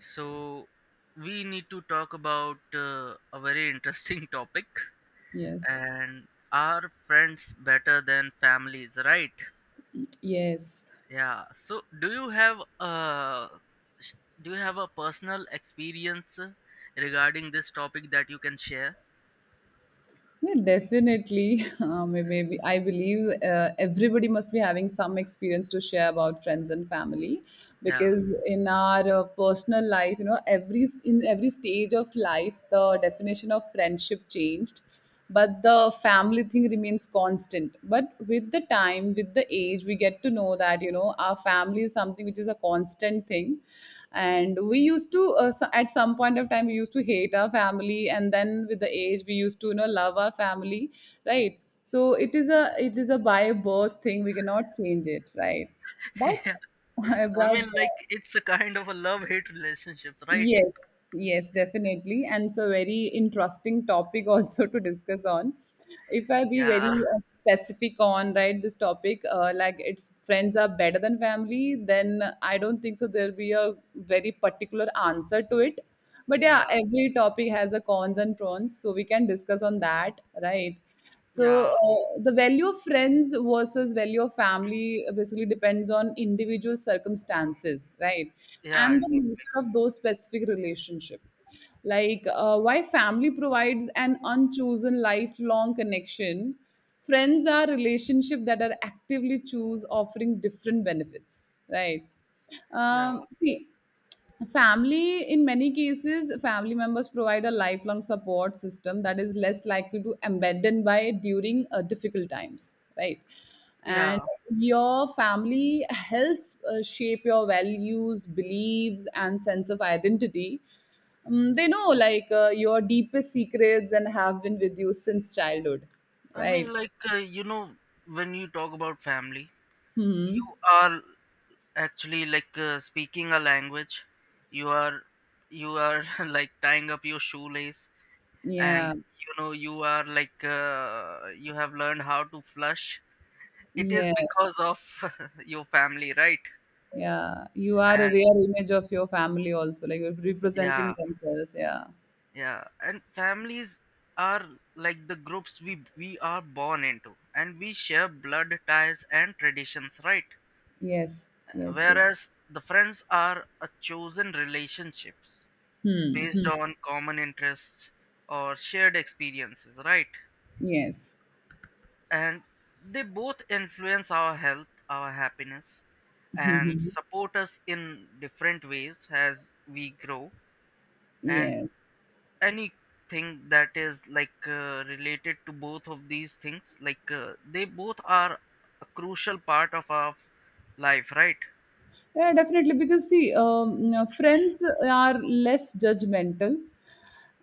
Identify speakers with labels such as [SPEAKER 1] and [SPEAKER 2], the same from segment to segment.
[SPEAKER 1] So, we need to talk about a very interesting topic
[SPEAKER 2] Yes,
[SPEAKER 1] and are friends better than families, right?
[SPEAKER 2] yes.
[SPEAKER 1] Yeah. So, do you have a sh- do you have a personal experience regarding this topic that you can share?
[SPEAKER 2] Yeah, definitely. Maybe I believe everybody must be having some experience to share about friends and family,
[SPEAKER 1] Yeah.
[SPEAKER 2] because in our personal life, you know, in every stage of life, the definition of friendship changed, but the family thing remains constant. But with the time, with the age, we get to know that you know our family is something which is a constant thing. And we used to at some point of time we used to hate our family, and then with the age we used to you know love our family, right? So it is a by birth thing, we cannot change it, right? But but
[SPEAKER 1] I mean like it's a kind of a love-hate relationship, right?
[SPEAKER 2] Yes, yes, definitely. And it's a very interesting topic also to discuss on. If I be
[SPEAKER 1] Yeah.
[SPEAKER 2] very specific on, right, this topic, like it's friends are better than family, then I don't think so there'll be a very particular answer to it. But yeah,
[SPEAKER 1] Yeah.
[SPEAKER 2] every topic has a cons and pros, so we can discuss on that, right? So
[SPEAKER 1] Yeah.
[SPEAKER 2] uh, the value of friends versus value of family basically depends on individual circumstances, right?
[SPEAKER 1] Yeah,
[SPEAKER 2] And the
[SPEAKER 1] exactly.
[SPEAKER 2] nature of those specific relationship. Why family provides an unchosen lifelong connection. Friends are relationship that are actively choose offering different benefits, right?
[SPEAKER 1] Yeah.
[SPEAKER 2] See, family in many cases family members provide a lifelong support system that is less likely to abandon by during difficult times, right? And
[SPEAKER 1] Yeah.
[SPEAKER 2] your family helps shape your values beliefs and sense of identity. They know your deepest secrets and have been with you since childhood,
[SPEAKER 1] I
[SPEAKER 2] right?
[SPEAKER 1] mean like when you talk about family
[SPEAKER 2] Hmm.
[SPEAKER 1] you are actually like speaking a language you are you are like tying up your shoelace and
[SPEAKER 2] Yeah.
[SPEAKER 1] you are like you have learned how to flush. It is
[SPEAKER 2] Yeah.
[SPEAKER 1] because of your family, right?
[SPEAKER 2] Yeah, you are a
[SPEAKER 1] And
[SPEAKER 2] rare image of your family also, like you're representing
[SPEAKER 1] yeah,
[SPEAKER 2] themselves. Yeah.
[SPEAKER 1] yeah. And families are like the groups we are born into, and we share blood ties and traditions, right?
[SPEAKER 2] Yes, yes, yes.
[SPEAKER 1] Whereas the friends are a chosen relationships
[SPEAKER 2] Hmm.
[SPEAKER 1] based
[SPEAKER 2] Hmm.
[SPEAKER 1] on common interests or shared experiences, right?
[SPEAKER 2] Yes.
[SPEAKER 1] And they both influence our health, our happiness, and
[SPEAKER 2] Mhm.
[SPEAKER 1] support us in different ways as we grow. And
[SPEAKER 2] Yes.
[SPEAKER 1] anything that is like related to both of these things, like they both are a crucial part of our life, right?
[SPEAKER 2] Yeah, definitely. Because see, you know, friends are less judgmental,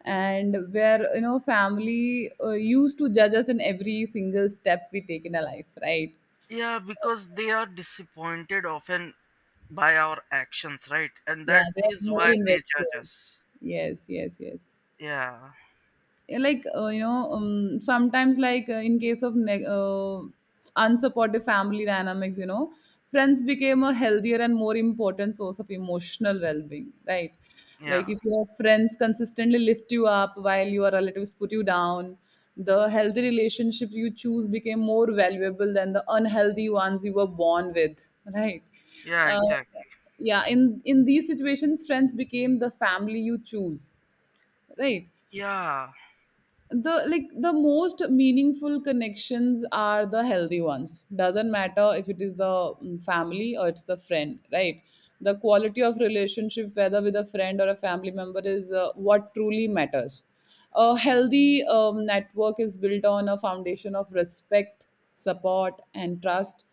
[SPEAKER 2] and where you know family used to judge us in every single step we take in our life, right?
[SPEAKER 1] Yeah, because they are disappointed often by our actions, right? And
[SPEAKER 2] Yeah,
[SPEAKER 1] that
[SPEAKER 2] they are
[SPEAKER 1] is
[SPEAKER 2] more
[SPEAKER 1] why they judge
[SPEAKER 2] invested.
[SPEAKER 1] us.
[SPEAKER 2] Yes, yes, yes.
[SPEAKER 1] Yeah,
[SPEAKER 2] Like, you know, sometimes in case of neg unsupportive family dynamics, you know, friends became a healthier and more important source of emotional well-being, right? Like,
[SPEAKER 1] yeah,
[SPEAKER 2] if your friends consistently lift you up while your relatives put you down, the healthy relationship you choose became more valuable than the unhealthy ones you were born with, right?
[SPEAKER 1] yeah,
[SPEAKER 2] uh,
[SPEAKER 1] exactly.
[SPEAKER 2] yeah, in these situations friends became the family you choose, right?
[SPEAKER 1] Yeah,
[SPEAKER 2] The, like, the most meaningful connections are the healthy ones, doesn't matter if it is the family or it's the friend, right? The quality of relationship whether with a friend or a family member is what truly matters. A healthy network is built on a foundation of respect, support and trust,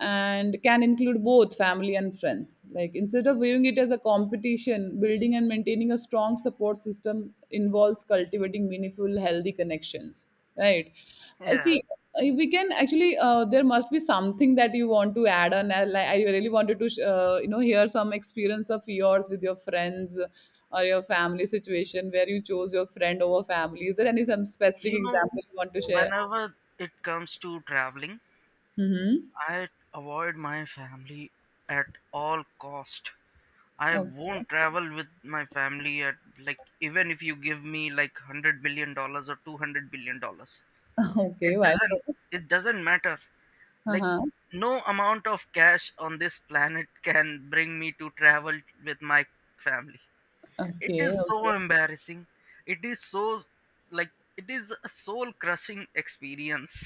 [SPEAKER 2] and can include both family and friends. Like, instead of viewing it as a competition, building and maintaining a strong support system involves cultivating meaningful, healthy connections. Right?
[SPEAKER 1] yeah.
[SPEAKER 2] See, we can actually. There must be something that you want to add on. Like, I really wanted to, you know, hear some experience of yours with your friends, or your family situation where you chose your friend over family. Is there any some specific
[SPEAKER 1] You know,
[SPEAKER 2] example you want to share?
[SPEAKER 1] whenever it comes to traveling,
[SPEAKER 2] Mm-hmm.
[SPEAKER 1] I avoid my family at all cost. I
[SPEAKER 2] Okay.
[SPEAKER 1] won't travel with my family at, like, even if you give me like $100 billion or $200 billion.
[SPEAKER 2] Okay.
[SPEAKER 1] It
[SPEAKER 2] Why
[SPEAKER 1] doesn't
[SPEAKER 2] so?
[SPEAKER 1] it doesn't matter, like,
[SPEAKER 2] Uh-huh.
[SPEAKER 1] no amount of cash on this planet can bring me to travel with my family. It
[SPEAKER 2] Okay,
[SPEAKER 1] is so
[SPEAKER 2] okay.
[SPEAKER 1] embarrassing, it is so, like, it is a soul crushing experience.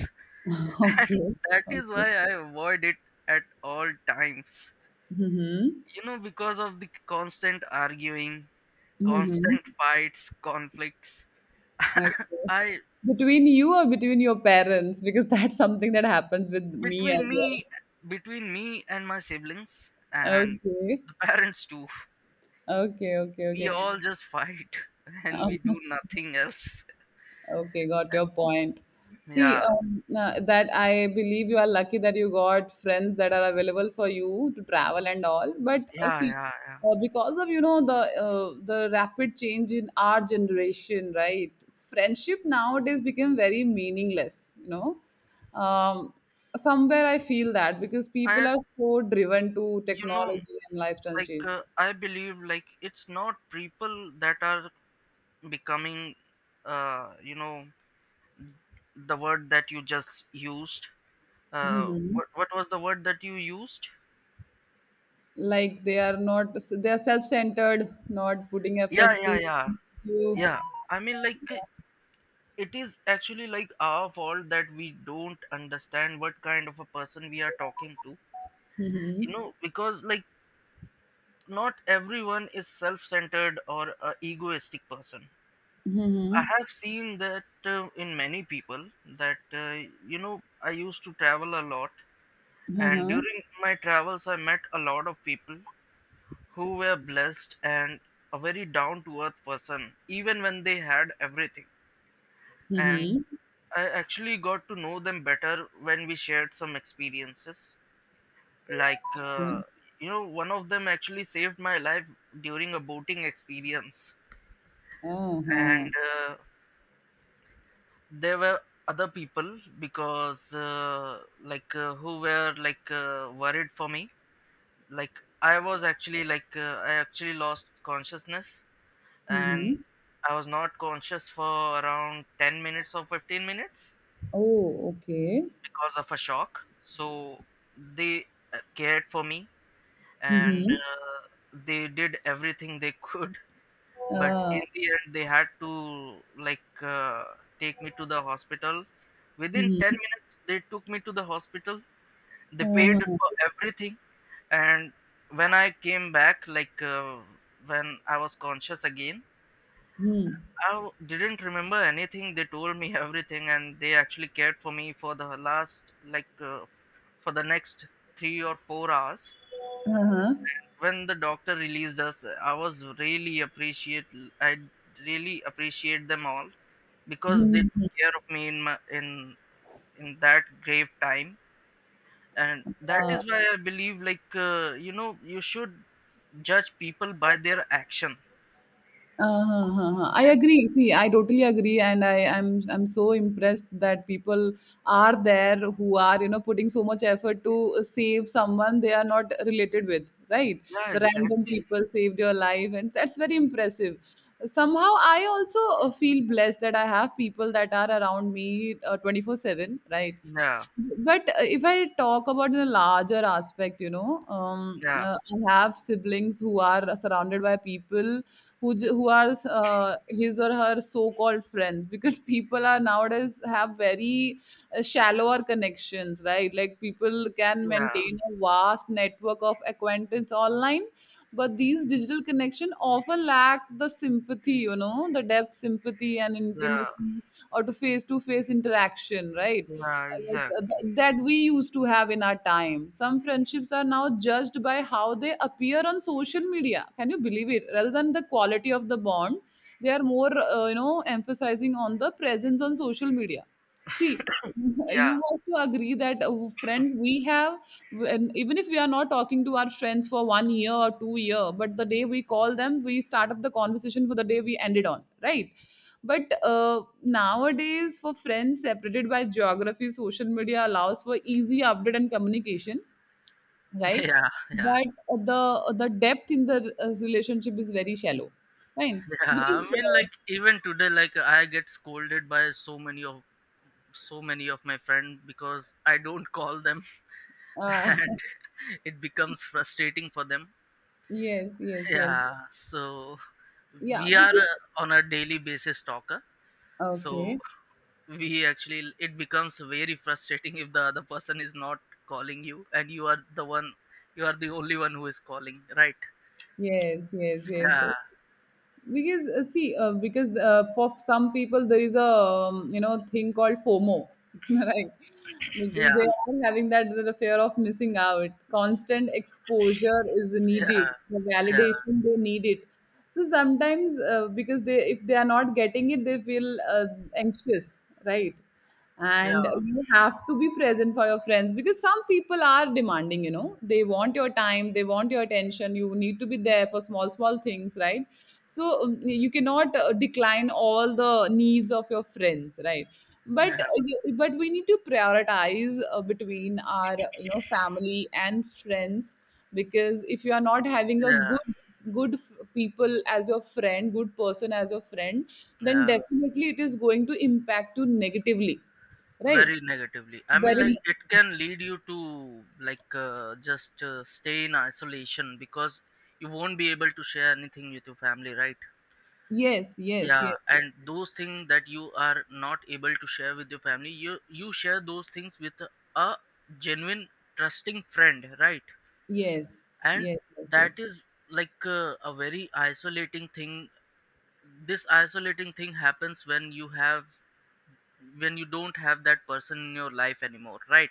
[SPEAKER 1] And
[SPEAKER 2] Okay,
[SPEAKER 1] that is
[SPEAKER 2] okay.
[SPEAKER 1] why I avoid it at all times,
[SPEAKER 2] Mhm.
[SPEAKER 1] you know, because of the constant arguing, constant
[SPEAKER 2] Mhm.
[SPEAKER 1] fights, conflicts.
[SPEAKER 2] Okay.
[SPEAKER 1] I,
[SPEAKER 2] Between you or between your parents? Because that's something that happens with me
[SPEAKER 1] between
[SPEAKER 2] as
[SPEAKER 1] me
[SPEAKER 2] well.
[SPEAKER 1] between me and my siblings and
[SPEAKER 2] Okay.
[SPEAKER 1] the parents too.
[SPEAKER 2] Okay, okay,
[SPEAKER 1] We
[SPEAKER 2] okay.
[SPEAKER 1] all just fight and we
[SPEAKER 2] Um,
[SPEAKER 1] do nothing else.
[SPEAKER 2] Okay, got your point. See,
[SPEAKER 1] Yeah,
[SPEAKER 2] that I believe you are lucky that you got friends that are available for you to travel and all. But
[SPEAKER 1] yeah,
[SPEAKER 2] see,
[SPEAKER 1] yeah, yeah.
[SPEAKER 2] because of you know the rapid change in our generation, right? Friendship nowadays become very meaningless. You know, somewhere I feel that because people
[SPEAKER 1] I,
[SPEAKER 2] are so driven to
[SPEAKER 1] you know
[SPEAKER 2] technology and lifestyle
[SPEAKER 1] like I believe like it's not people that are becoming uh you know the word that you just used. uh
[SPEAKER 2] changes.
[SPEAKER 1] what what was the word that you used?
[SPEAKER 2] Like, they are self-centered, not putting
[SPEAKER 1] Yeah,
[SPEAKER 2] efforts to
[SPEAKER 1] yeah, yeah,
[SPEAKER 2] you.
[SPEAKER 1] yeah. I mean like it is actually like our fault that we don't understand what kind of a person we are talking to, you
[SPEAKER 2] Mm-hmm.
[SPEAKER 1] know, because like not everyone is self-centered or a egoistic person. I
[SPEAKER 2] Mm-hmm.
[SPEAKER 1] have seen that in many people, that I used to travel a lot, and
[SPEAKER 2] Uh-huh.
[SPEAKER 1] during my travels I met a lot of people who were blessed, and a very down to earth person even when they had everything. And
[SPEAKER 2] Mm-hmm.
[SPEAKER 1] I actually got to know them better when we shared some experiences. Like
[SPEAKER 2] Okay.
[SPEAKER 1] you know, one of them actually saved my life during a boating experience. And
[SPEAKER 2] Uh-huh.
[SPEAKER 1] uh, there were other people because who were like worried for me. Like, I was actually like I actually lost consciousness,
[SPEAKER 2] Mm-hmm.
[SPEAKER 1] and I was not conscious for around 10 minutes or 15 minutes
[SPEAKER 2] Oh, okay.
[SPEAKER 1] because of a shock. So they cared for me, and
[SPEAKER 2] Mm-hmm.
[SPEAKER 1] they did everything they could. But
[SPEAKER 2] uh,
[SPEAKER 1] in the end they had to, like take me to the hospital. Within 10
[SPEAKER 2] Mm-hmm.
[SPEAKER 1] minutes they took me to the hospital. They paid
[SPEAKER 2] Uh-huh.
[SPEAKER 1] for everything. And when I came back, like when I was conscious again,
[SPEAKER 2] Mm-hmm.
[SPEAKER 1] I didn't remember anything. They told me everything, and they actually cared for me for the last like for the next 3 or 4 hours.
[SPEAKER 2] Uh-huh.
[SPEAKER 1] When the doctor released us, I was really appreciate, I really appreciate them all because they
[SPEAKER 2] Mm-hmm.
[SPEAKER 1] took care of me in my in that grave time. And that
[SPEAKER 2] Uh-huh.
[SPEAKER 1] is why I believe, like you should judge people by their action.
[SPEAKER 2] Uh-huh, uh-huh. I
[SPEAKER 1] And
[SPEAKER 2] agree. See, I totally agree, and I, am I'm so impressed that people are there who are you know putting so much effort to save someone they are not related with, right?
[SPEAKER 1] yeah,
[SPEAKER 2] The random
[SPEAKER 1] exactly.
[SPEAKER 2] people saved your life, and that's very impressive. Somehow, I also feel blessed that I have people that are around me 24/7, right?
[SPEAKER 1] Yeah,
[SPEAKER 2] But if I talk about the larger aspect, you know,
[SPEAKER 1] yeah,
[SPEAKER 2] I have siblings who are surrounded by people who are his or her so-called friends, because people are nowadays have very shallower connections, right? Like, people can
[SPEAKER 1] yeah,
[SPEAKER 2] maintain a vast network of acquaintance online, but these digital connection often lack the sympathy, you know, the depth sympathy and
[SPEAKER 1] yeah,
[SPEAKER 2] intimacy or to face interaction, right?
[SPEAKER 1] yeah,
[SPEAKER 2] Like,
[SPEAKER 1] exactly.
[SPEAKER 2] that we used to have in our time, some friendships are now judged by how they appear on social media, can you believe it, rather than the quality of the bond. They are more you know emphasizing on the presence on social media. See,
[SPEAKER 1] Yeah,
[SPEAKER 2] you also agree that friends we have, when, even if we are not talking to our friends for 1 year or 2 year, but the day we call them, we start up the conversation for the day we ended on, right? But nowadays, for friends separated by geography, social media allows for easy update and communication, right?
[SPEAKER 1] yeah, yeah,
[SPEAKER 2] But the depth in the relationship is very shallow, right?
[SPEAKER 1] yeah. I
[SPEAKER 2] Because
[SPEAKER 1] mean like even today, like I get scolded by so many of, so many of my friends because I don't call them.
[SPEAKER 2] uh, uh,
[SPEAKER 1] And it becomes frustrating for them.
[SPEAKER 2] yes, yes, yes,
[SPEAKER 1] Yeah, so
[SPEAKER 2] yeah,
[SPEAKER 1] we are
[SPEAKER 2] because
[SPEAKER 1] on a daily basis talker, so
[SPEAKER 2] okay.
[SPEAKER 1] we actually, it becomes very frustrating if the other person is not calling you, and you are the one, you are the only one who is calling, right?
[SPEAKER 2] Yes, yes, yes, yes.
[SPEAKER 1] Yeah,
[SPEAKER 2] Because See, because for some people there is a you know thing called FOMO, right? Because
[SPEAKER 1] yeah,
[SPEAKER 2] they are having that the fear of missing out. Constant exposure is needed.
[SPEAKER 1] yeah,
[SPEAKER 2] The
[SPEAKER 1] yeah,
[SPEAKER 2] validation they need it. So sometimes because they if they are not getting it, they feel anxious, right? And
[SPEAKER 1] yeah,
[SPEAKER 2] you have to be present for your friends, because some people are demanding, you know, they want your time, they want your attention, you need to be there for small small things, right? So you cannot decline all the needs of your friends, right? But
[SPEAKER 1] yeah,
[SPEAKER 2] but we need to prioritize between our you know family and friends, because if you are not having a
[SPEAKER 1] yeah,
[SPEAKER 2] people as your friend good person as your friend, then
[SPEAKER 1] yeah.
[SPEAKER 2] definitely it is going to impact you negatively, right?
[SPEAKER 1] Very negatively. I mean,
[SPEAKER 2] Very.
[SPEAKER 1] like it can lead you to, like just stay in isolation because you won't be able to share anything with your family, right?
[SPEAKER 2] Yes, yes,
[SPEAKER 1] Yeah,
[SPEAKER 2] yes,
[SPEAKER 1] and those things that you are not able to share with your family, you share those things with a genuine, trusting friend, right?
[SPEAKER 2] yes,
[SPEAKER 1] And
[SPEAKER 2] yes, yes, yes,
[SPEAKER 1] that
[SPEAKER 2] yes.
[SPEAKER 1] is, like a very isolating thing. This isolating thing happens when you have, when you don't have that person in your life anymore, right?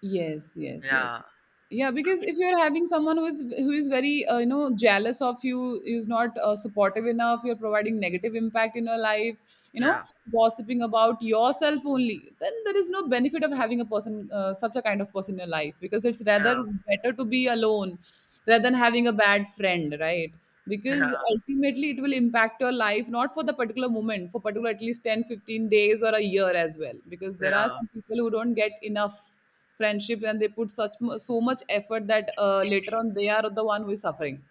[SPEAKER 2] Yes, yes, yes.
[SPEAKER 1] Yeah,
[SPEAKER 2] Yeah, because if you're having someone who is very you know jealous of you, is not supportive enough, you're providing negative impact in your life, you know,
[SPEAKER 1] yeah,
[SPEAKER 2] gossiping about yourself only, then there is no benefit of having a person such a kind of person in your life, because it's rather
[SPEAKER 1] yeah,
[SPEAKER 2] better to be alone rather than having a bad friend, right? Because
[SPEAKER 1] yeah,
[SPEAKER 2] ultimately it will impact your life, not for the particular moment, for particular at least 10, 15 days or a year as well, because there are
[SPEAKER 1] yeah,
[SPEAKER 2] some people who don't get enough friendship and they put so much effort that later on they are the one who is suffering,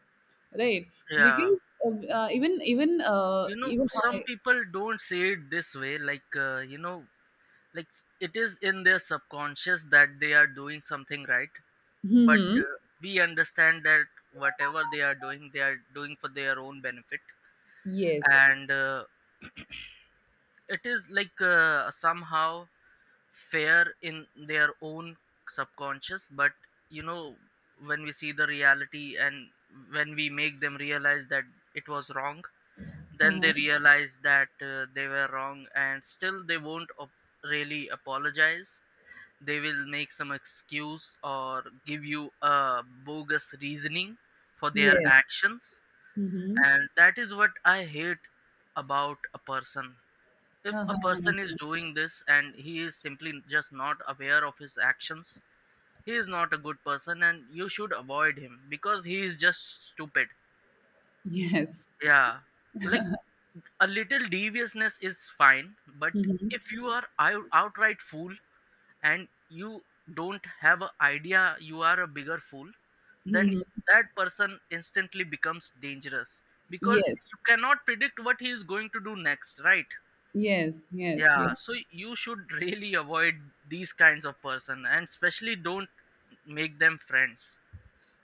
[SPEAKER 2] right?
[SPEAKER 1] yeah.
[SPEAKER 2] Because even even uh,
[SPEAKER 1] You know,
[SPEAKER 2] even
[SPEAKER 1] some
[SPEAKER 2] I
[SPEAKER 1] people don't say it this way, like like it is in their subconscious that they are doing something right. But
[SPEAKER 2] Mhm.
[SPEAKER 1] we understand that whatever they are doing, they are doing for their own benefit.
[SPEAKER 2] Yes.
[SPEAKER 1] And it is like somehow fair in their own subconscious, but you know, when we see the reality, and when we make them realize that it was wrong, then
[SPEAKER 2] Uh-huh.
[SPEAKER 1] they realize that they were wrong, and still they won't really apologize. They will make some excuse or give you a bogus reasoning for their
[SPEAKER 2] Yes.
[SPEAKER 1] actions.
[SPEAKER 2] Hmm.
[SPEAKER 1] And that is what I hate about a person. If a person
[SPEAKER 2] Uh-huh.
[SPEAKER 1] is doing this and he is simply just not aware of his actions, he is not a good person and you should avoid him because he is just stupid.
[SPEAKER 2] Yes.
[SPEAKER 1] Yeah, like a little deviousness is fine, but
[SPEAKER 2] Hmm.
[SPEAKER 1] if you are out outright fool and you don't have an idea, you are a bigger fool. Then
[SPEAKER 2] Hmm.
[SPEAKER 1] that person instantly becomes dangerous because
[SPEAKER 2] Yes,
[SPEAKER 1] you cannot predict what he is going to do next, right?
[SPEAKER 2] yes, yes,
[SPEAKER 1] Yeah,
[SPEAKER 2] yes.
[SPEAKER 1] so you should really avoid these kinds of person, and especially don't make them friends.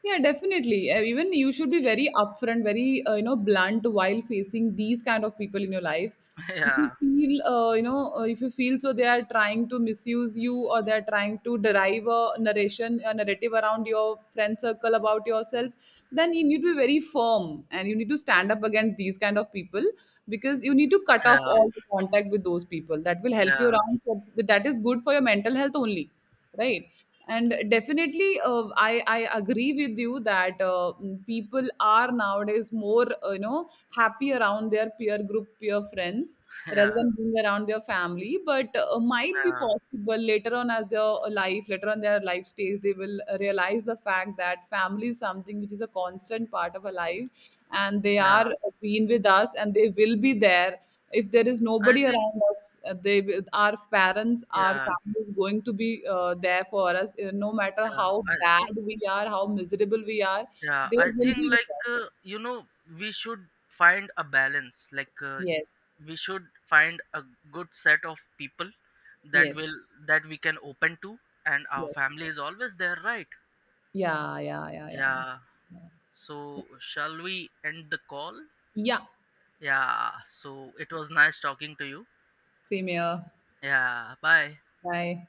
[SPEAKER 2] Yeah, definitely. Even you should be very upfront, very you know blunt while facing these kind of people in your life. If you
[SPEAKER 1] Yeah,
[SPEAKER 2] feel, you know, if you feel so they are trying to misuse you or they are trying to derive a narration, a narrative around your friend circle about yourself, then you need to be very firm and you need to stand up against these kind of people, because you need to cut off
[SPEAKER 1] yeah,
[SPEAKER 2] all the contact with those people. That will help
[SPEAKER 1] yeah,
[SPEAKER 2] you around. That is good for your mental health only, right? And definitely I agree with you that people are nowadays more you know happy around their peer group peer friends rather
[SPEAKER 1] yeah,
[SPEAKER 2] than being around their family. But might be
[SPEAKER 1] yeah,
[SPEAKER 2] possible later on as their life later on their life stage they will realize the fact that family is something which is a constant part of a life, and they
[SPEAKER 1] yeah.
[SPEAKER 2] are been with us and they will be there. If there is
[SPEAKER 1] I
[SPEAKER 2] nobody
[SPEAKER 1] think,
[SPEAKER 2] around us, they will, our parents, our
[SPEAKER 1] yeah,
[SPEAKER 2] family is going to be there for us, no matter
[SPEAKER 1] yeah,
[SPEAKER 2] how
[SPEAKER 1] I
[SPEAKER 2] bad
[SPEAKER 1] think,
[SPEAKER 2] we are, how miserable we are,
[SPEAKER 1] yeah,
[SPEAKER 2] they
[SPEAKER 1] I
[SPEAKER 2] will
[SPEAKER 1] think
[SPEAKER 2] be with us.
[SPEAKER 1] like we should find a balance, like
[SPEAKER 2] Yes,
[SPEAKER 1] we should find a good set of people that
[SPEAKER 2] yes,
[SPEAKER 1] will, that we can open to, and our
[SPEAKER 2] yes.
[SPEAKER 1] family is always there, right?
[SPEAKER 2] Yeah, yeah, yeah, yeah,
[SPEAKER 1] Yeah, so shall we end the call?
[SPEAKER 2] yeah.
[SPEAKER 1] Yeah, so it was nice talking to you.
[SPEAKER 2] Same here.
[SPEAKER 1] Yeah, bye.
[SPEAKER 2] Bye.